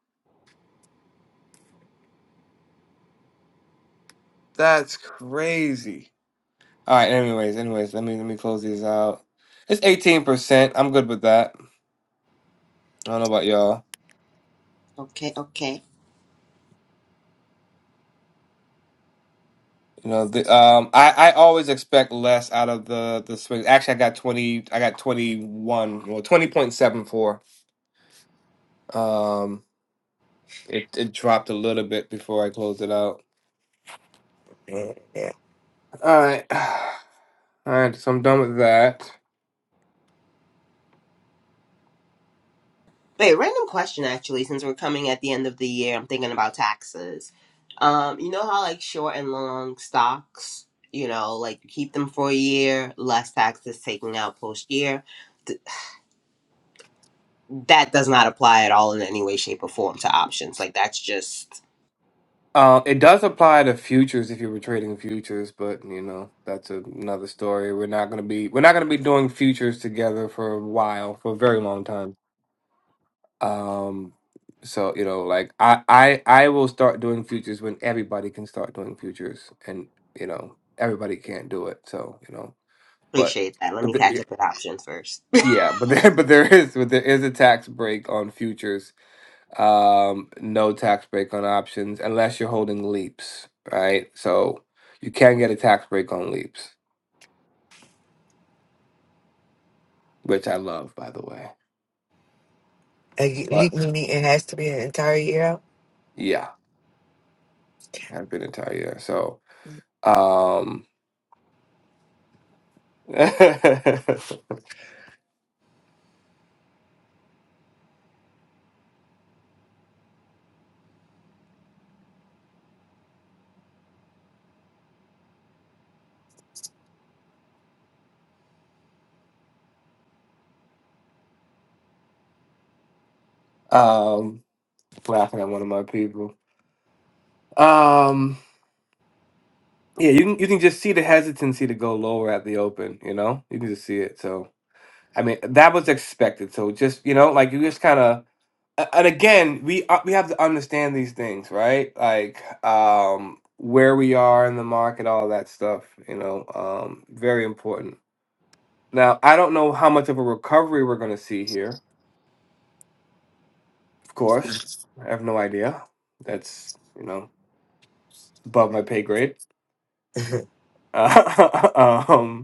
That's crazy. All right. Anyways, anyways, let me let me close these out. It's eighteen percent. I'm good with that. I don't know about y'all. Okay, okay. You know, the, um, I, I always expect less out of the the swings. Actually, I got twenty. I got twenty one. Well, twenty point seven four. Um, it it dropped a little bit before I closed it out. yeah. All right, all right. So I'm done with that. Wait, random question actually, since we're coming at the end of the year, I'm thinking about taxes. Um, you know how like short and long stocks, you know, like you keep them for a year, less taxes taken out post year. Th- that does not apply at all in any way, shape, or form to options. Like that's just Um, it does apply to futures if you were trading futures, but you know that's another story. We're not gonna be we're not gonna be doing futures together for a while, for a very long time. Um, so you know, like I, I, I will start doing futures when everybody can start doing futures, and you know, everybody can't do it. So you know, but appreciate that. Let but me the, catch up with options first. yeah, yeah, but there, but there is, but there is a tax break on futures. Um, no tax break on options unless you're holding leaps, right? So you can get a tax break on leaps, which I love, by the way. A ye- But leap me meeting has to be an entire year out. yeah, I've been entire year, so um. um laughing at one of my people. Um, yeah, you can you can just see the hesitancy to go lower at the open. You know, you can just see it. So I mean, that was expected. So just you know, like you just kind of. And again, we uh, we have to understand these things, right? Like um, where we are in the market, all that stuff. You know, um, very important. Now, I don't know how much of a recovery we're going to see here. Of course, I have no idea. That's you know above my pay grade. um,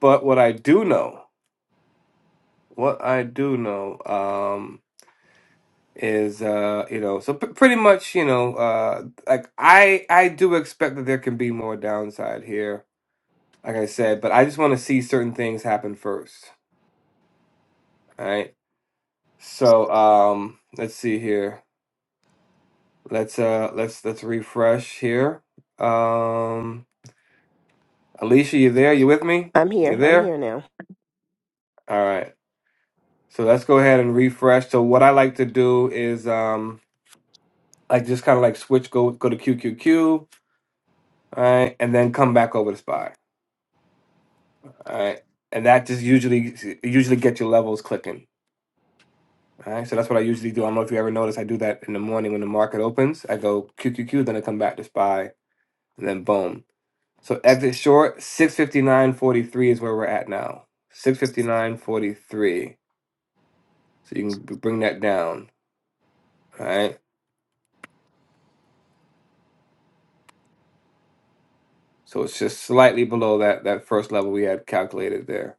But what I do know, what I do know, um, is uh, you know, so p- pretty much, you know, uh, like I I do expect that there can be more downside here, like I said, but I just want to see certain things happen first. All right. So um, let's see here. Let's uh, let's let's refresh here. Um, Alicia, you there? You with me? I'm You here. I'm there? here now. All right. So let's go ahead and refresh. So what I like to do is um. like just kind of like switch go go to QQQ, all right, and then come back over to SPY, all right, and that just usually usually get your levels clicking, all right. So that's what I usually do. I don't know if you ever notice I do that in the morning when the market opens. I go QQQ, then I come back to SPY, and then boom. So exit short six fifty nine forty three is where we're at now. Six fifty nine forty three. So you can b- bring that down, all right. So it's just slightly below that that first level we had calculated there.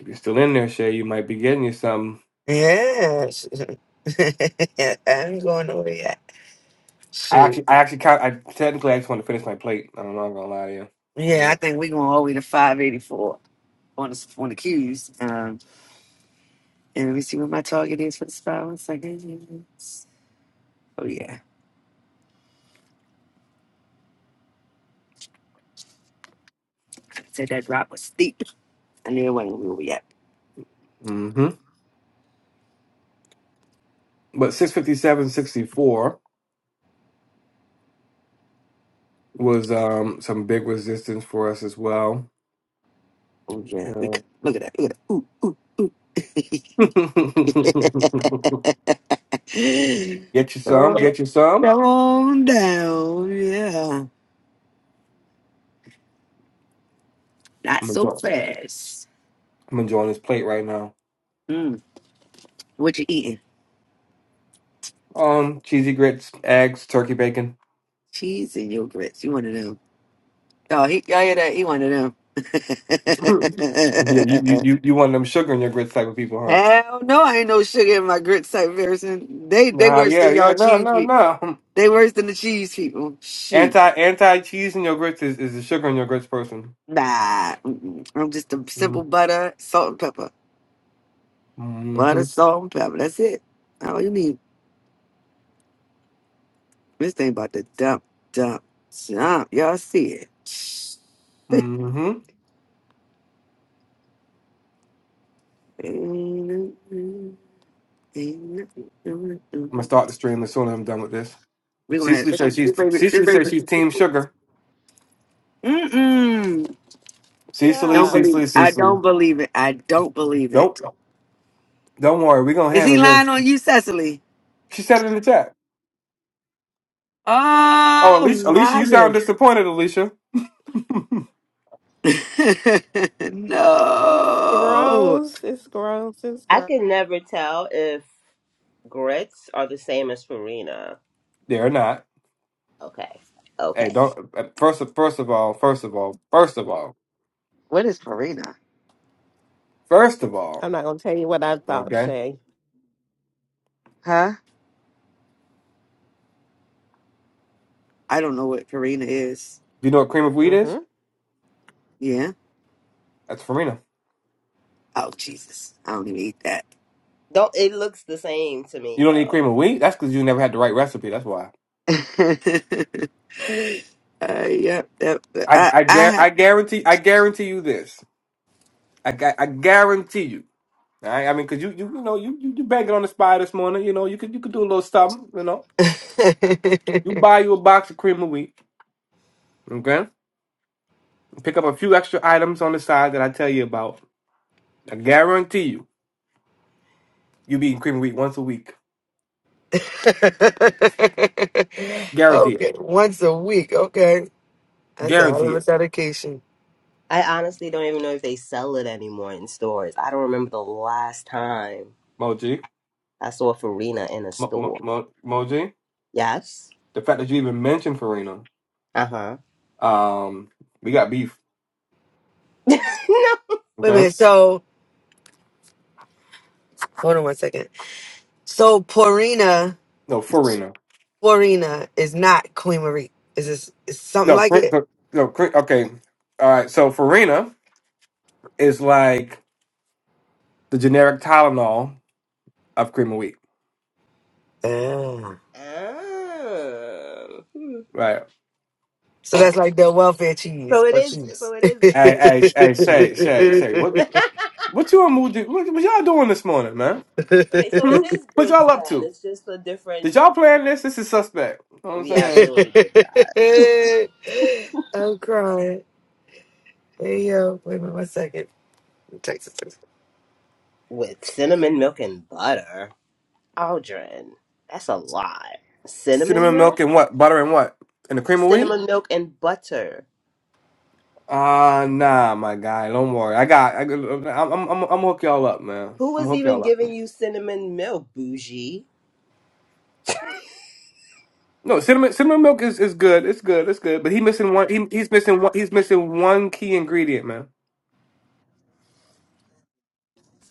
If you're still in there, Shay, you might be getting you something. yes. I'm going over that. I Shoot. actually, I actually, kind I technically I just want to finish my plate. I'm not gonna lie to you. Yeah, I think we're going all the way to 584 on the, on the queues. Um, And let me see what my target is for the spell. Seconds. Oh yeah, I said that drop was steep. I knew it wasn't where we at. Mm-hmm. But 657.64 was um some big resistance for us as well. Oh yeah, we Yeah. c- look at that. Look at that. Ooh ooh ooh. get you some, oh, get you some. come on down. Yeah, not I'm so enjoying, fast. I'm enjoying this plate right now. Mm. What you eating? Um, cheesy grits, eggs, turkey bacon. Cheese and yogurt. You one of them? Oh, he, y'all hear that? He one of yeah, you, them. you you you one of them sugar in your grits type of people, huh? Hell no, I ain't no sugar in my grits type person. They they Nah, worse yeah, than y'all yeah, no, cheese no, people. no. They worse than the cheese people. Shoot. Anti anti cheese in your grits is, is the sugar in your grits person. Nah. Mm-mm. I'm just a Mm-hmm. simple butter, salt and pepper. Butter, Mm-hmm. salt, and pepper. That's it. That's all you need. This thing about to dump, dump, dump. Y'all see it. Mm-hmm. I'm gonna start the stream as soon as I'm done with this. We're gonna have Cecily some says she's this baby, this Cecily says baby. she's Team Sugar. Mm-mm. I Cecily, don't Yeah, believe Cecily, it. I Cecily. don't believe it. I don't believe Don't it. don't worry, we're gonna Is he handle this. lying on you, Cecily? She said it in the chat. Oh, Oh Alicia, Alicia, my you sound goodness. disappointed, Alicia. it's no. gross. It's gross. It's I gross. can never tell if grits are the same as farina. They're not. Okay. Hey, Okay. don't. uh, First of first of all, first of all, first of all, What is Farina? first of all. I'm not gonna tell you what I thought, Okay. Shay. Huh? I don't know what Farina is. Do you know what cream of wheat is? hmm Yeah? That's farina. Oh Jesus. I don't even eat that. Don't it looks the same to You me don't need though. cream of wheat. That's because you never had the right recipe. That's why. uh, yep, yep. I I I, gar- I I guarantee I guarantee you this. I gu- I guarantee you. All right. I mean, cause you you you know you you, you banking on the spy this morning. You know you could you could do a little something. You know you buy you a box of cream of wheat. Okay. Pick up a few extra items on the side that I tell you about. I guarantee you you be eating cream of wheat once a week. Guarantee it. Okay, once a week. Okay. That's a hell Guarantee of a it. dedication. I honestly don't even know if they sell it anymore in stores. I don't remember the last time Moji, I saw Farina in a Mo, Mo, store. Mo, Moji. Yes. The fact that you even mentioned Farina, Uh-huh. um, we got beef. no. Wait a Okay. minute, so hold on one second. So Porina No, Farina. Florina is not Queen Marie. Is this is something No, like cri- it? cri- no, cri- okay. All right. So Farina is like the generic Tylenol of cream of wheat, Ah. Oh. Hmm. right? So that's like the welfare So cheese it or is so cheese. it is Hey, grits. hey, hey, Shay, Shay, Shay. What, what you on mood? do- What, what y'all doing this morning, man? Okay, so it Hmm. is What grits y'all up then. to? It's just a Did different y'all plan this? This is suspect. You know what I'm we saying? absolutely did that. I'm crying. Hey yo, wait a minute, one second. Texas. With cinnamon milk and butter. Aldrin. That's a lot. Should have Cinnamon been milk? milk and what? Butter and what? And the cream of wheat? Cinnamon milk and butter. Ah, uh, nah, my guy. Don't worry. I got. I, got- I'm, I'm, I'm, I'm gonna hook y'all up, man. Who I'm gonna was hook y'all up. even giving you cinnamon milk, bougie? No, cinnamon cinnamon milk is, is good. It's good. It's good. But he missing one. He, he's missing one. He's missing one key ingredient, man.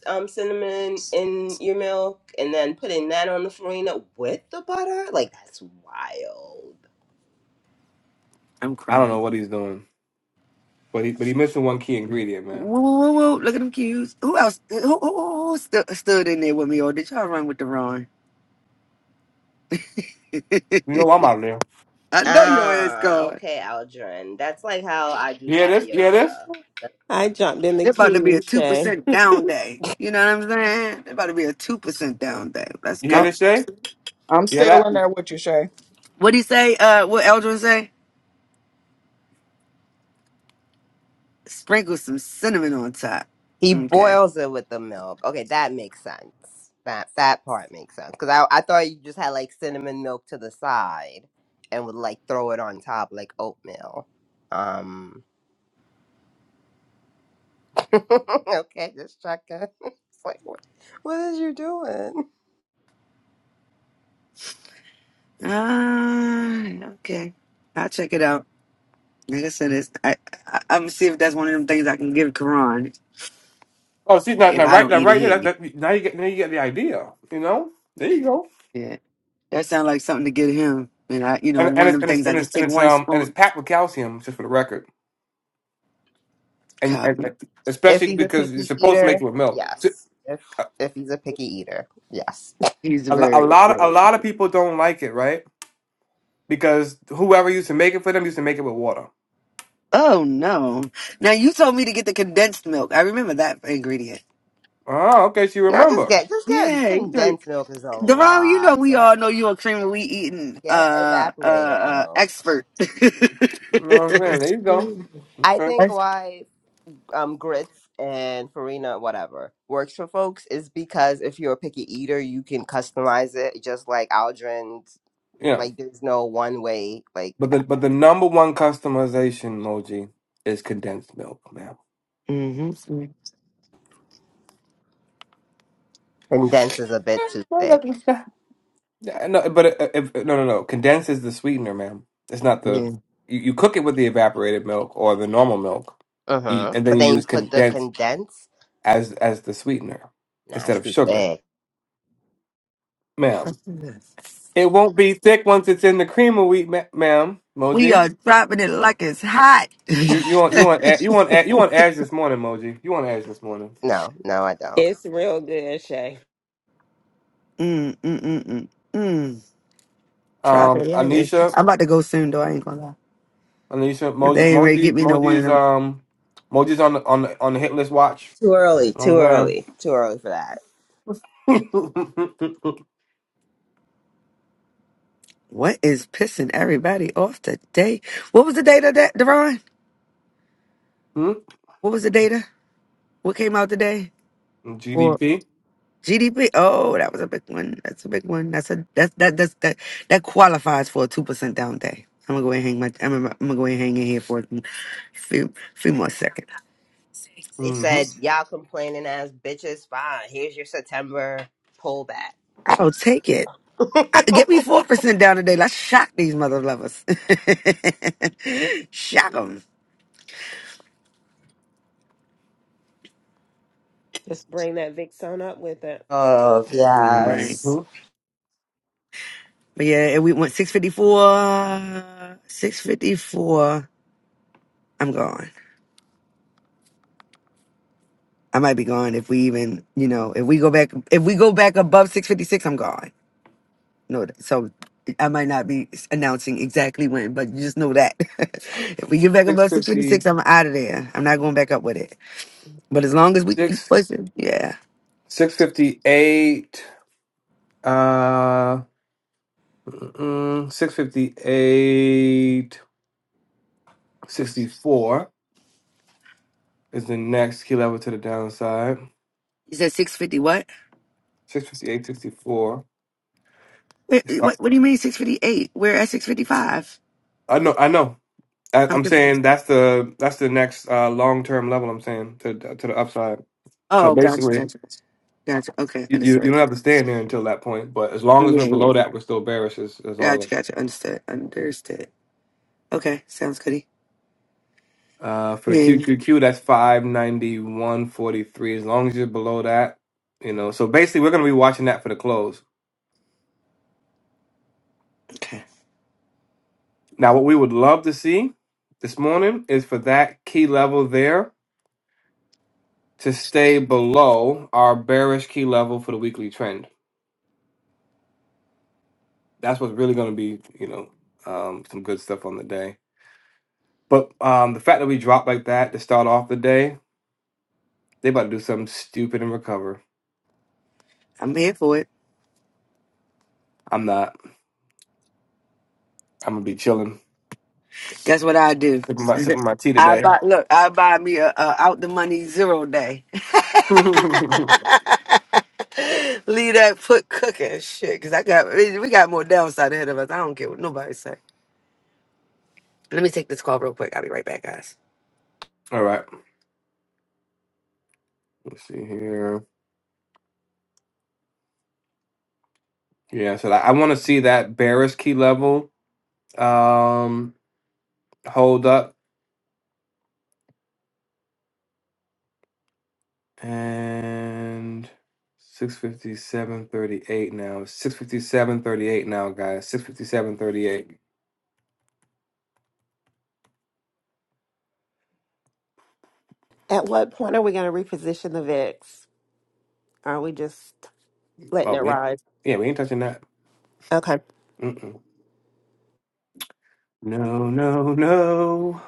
Um, cinnamon in your milk and then putting that on the farina with the butter? Like, that's wild. I'm I don't know crying. what he's doing, but he but he missing one key ingredient, man. Whoa, whoa, whoa, whoa! Look at them cues. Who else? Who, who, who, who stu- stood in there with me, or did y'all run with the Ron? You know I'm out of there. I know your ass Ah, gone. okay, Aldrin. That's like how I do You hear this? You hear this? tapioca. I jumped in the There about to be a queue, two Shay. percent down day. You know what I'm saying? There about to be a two percent down day. Let's You hear I'm go. this, Shay? I'm You hear still that? in there with you, Shay. What do you say? Uh, what Eldrin say? Sprinkle some cinnamon on top. He Okay. boils it with the milk. Okay, that makes sense. That that part makes sense. Because I, I thought you just had like cinnamon milk to the side and would like throw it on top like oatmeal. Um, okay, just checking. It's like, what, what is you doing? Ah, okay. I'll check it out. Like I said, it's, I, I I'm gonna see if that's one of them things I can give Karan Oh, see now, if now I right don't now eat it right there. here. That, You- that, now you get now you get the idea. You know? There you go. Yeah, that sounds like something to get him. And I, you know, And and one of it's them and it's things I and it's, just and take it's one um and it's spoon. packed with calcium, just for the record. And, and Copy. and If especially he's a because you're picky supposed to make it eater, with milk. So, yes. If if he's a picky eater, yes. He's A, lo- a very, lot of a lot of people don't like it, right? because whoever used to make it for them used to make it with water. Oh no! Now you told me to get the condensed milk. I remember that ingredient. Oh, okay, she No, just remember. get just get Yeah, you know, condensed milk is a Deron, you know lot. we Get all know you're a cream of wheat eating get uh uh, evaporated uh milk. expert. You know what I'm saying? There you go. mm-hmm. I Okay. think why um grits and farina whatever works for folks is because if you're a picky eater, you can customize it. Just like Aldrin's, Yeah. like there's no one way. Like But the but the number one customization emoji is condensed milk, ma'am. condensed is a bit too No, thick. that- that- no, but if, if, uh, no, no, no. Condensed is the sweetener, ma'am. It's not the Yeah, you, you cook it with the evaporated milk or the normal milk, you, Uh-huh. and then But you then you use put the condensed condensed. as as the sweetener Nah, instead it's of too sugar, thick. ma'am. It won't be thick once it's in the cream of wheat, ma- ma'am. we Moji. are dropping it like it's hot. mm, You you want you want Ash- you want Ash- you want Ash this morning, Moji. You want Ash this morning. No, no, I don't. It's real good, Shay. mm, mm, mm, mm. Drop it Um, like it's. Anisha, I'm about to go soon though. I ain't gonna lie. Anisha, If Moji, they ain't ready, to get Moji, me no one of Moji's them um, Moji's on the on the on the hit list watch. Too early. You know Too what I'm early. Too early for that. saying? What is pissing everybody off today? What was the data that, Deron? Hmm? What was the data? What came out today? Or GDP. GDP? Oh, that was a big one. That's a big one. That's a that that that's, that that qualifies for a two percent down day. I'm gonna go ahead and hang my. I'm gonna, I'm gonna go ahead and hang in here for a few few more seconds. They Mm-hmm. said, y'all complaining as bitches. Fine. Here's your September pullback. I'll take it. I, get me four percent down today. Let's shock these mother lovers. shock them, Just bring that VIX on up with it. Oh, right? yes. Mm-hmm. But yeah, and we went six fifty four. Six fifty four. I'm gone. I might be gone if we even, you know, if we go back, if we go back above 656, I'm gone. No, so I might not be s- announcing exactly when, but you just know that if we get back Six above 656, fifty I'm out of there. I'm not going back up with it. But as long as we keep six pushing, yeah. six fifty eight. Uh, mm, six fifty eight sixty four is the next key level to the downside. You said 650 what? Six fifty eight sixty four. Wait, Start. What, what do you mean 658? We're at 655. I know. I know. I, I'm I'm saying confused. that's the that's the next uh, long term level. I'm saying to to the upside. So Oh, gotcha, basically, gotcha, gotcha. Gotcha. Okay, you, you you understood. don't have to stay in there until that point. But as Yeah, long as we're yeah. below that, we're still bearish. Is, is Gotcha, all. gotcha. Understood. Understood. Okay, sounds goody. Uh, for the Yeah. Q yeah. Q Q. that's five ninety one forty three. As long as you're below that, you know. So basically, we're gonna be watching that for the close. Okay. Now, what we would love to see this morning is for that key level there to stay below our bearish key level for the weekly trend. that's what's really going to be, you know, um, some good stuff on the day. But um, the fact that we dropped like that to start off the day, they about to do something stupid and recover. I'm here for it. I'm not. I'm gonna be chilling, That's what I do. sipping my sipping my tea I today. buy look, I buy me a, a out the money zero day. All Leave that foot cooking shit, cause I got we we got more downside ahead of us. I don't care what nobody say. Let me take this call real quick. I'll be right back, guys. right. Let's see here. Yeah. So I want to see that bearish key level um, hold up and. 657.38 now. 657.38 now, guys. 657.38. At what point are we going to reposition the VIX? Are we just letting Oh, it we, ride? yeah, we ain't touching that. Okay. Mm-mm. No, no, no.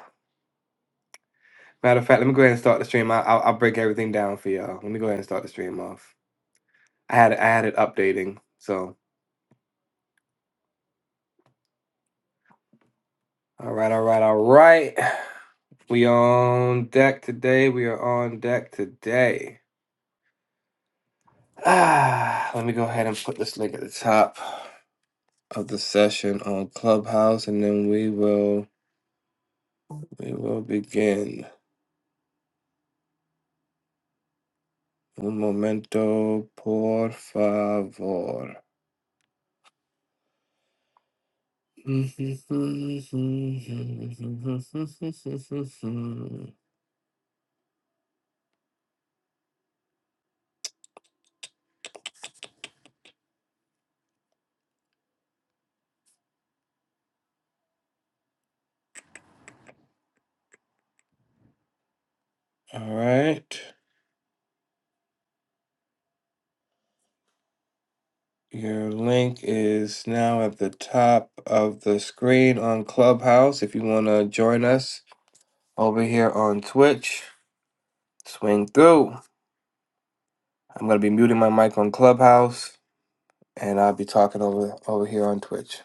Matter of fact, let me go ahead and start the stream. I, I'll, I'll break everything down for y'all. Let me go ahead and start the stream off. I had it, I had it updating. So, all right, all right, all right. We on deck today. We are on deck today. Ah, let me go ahead and put this link at the top of the session on Clubhouse, and then we will we will begin. Un momento, por favor. All right. Your link is now at the top of the screen on Clubhouse. If you want to join us over here on Twitch, swing through. I'm going to be muting my mic on Clubhouse and I'll be talking over over here on Twitch.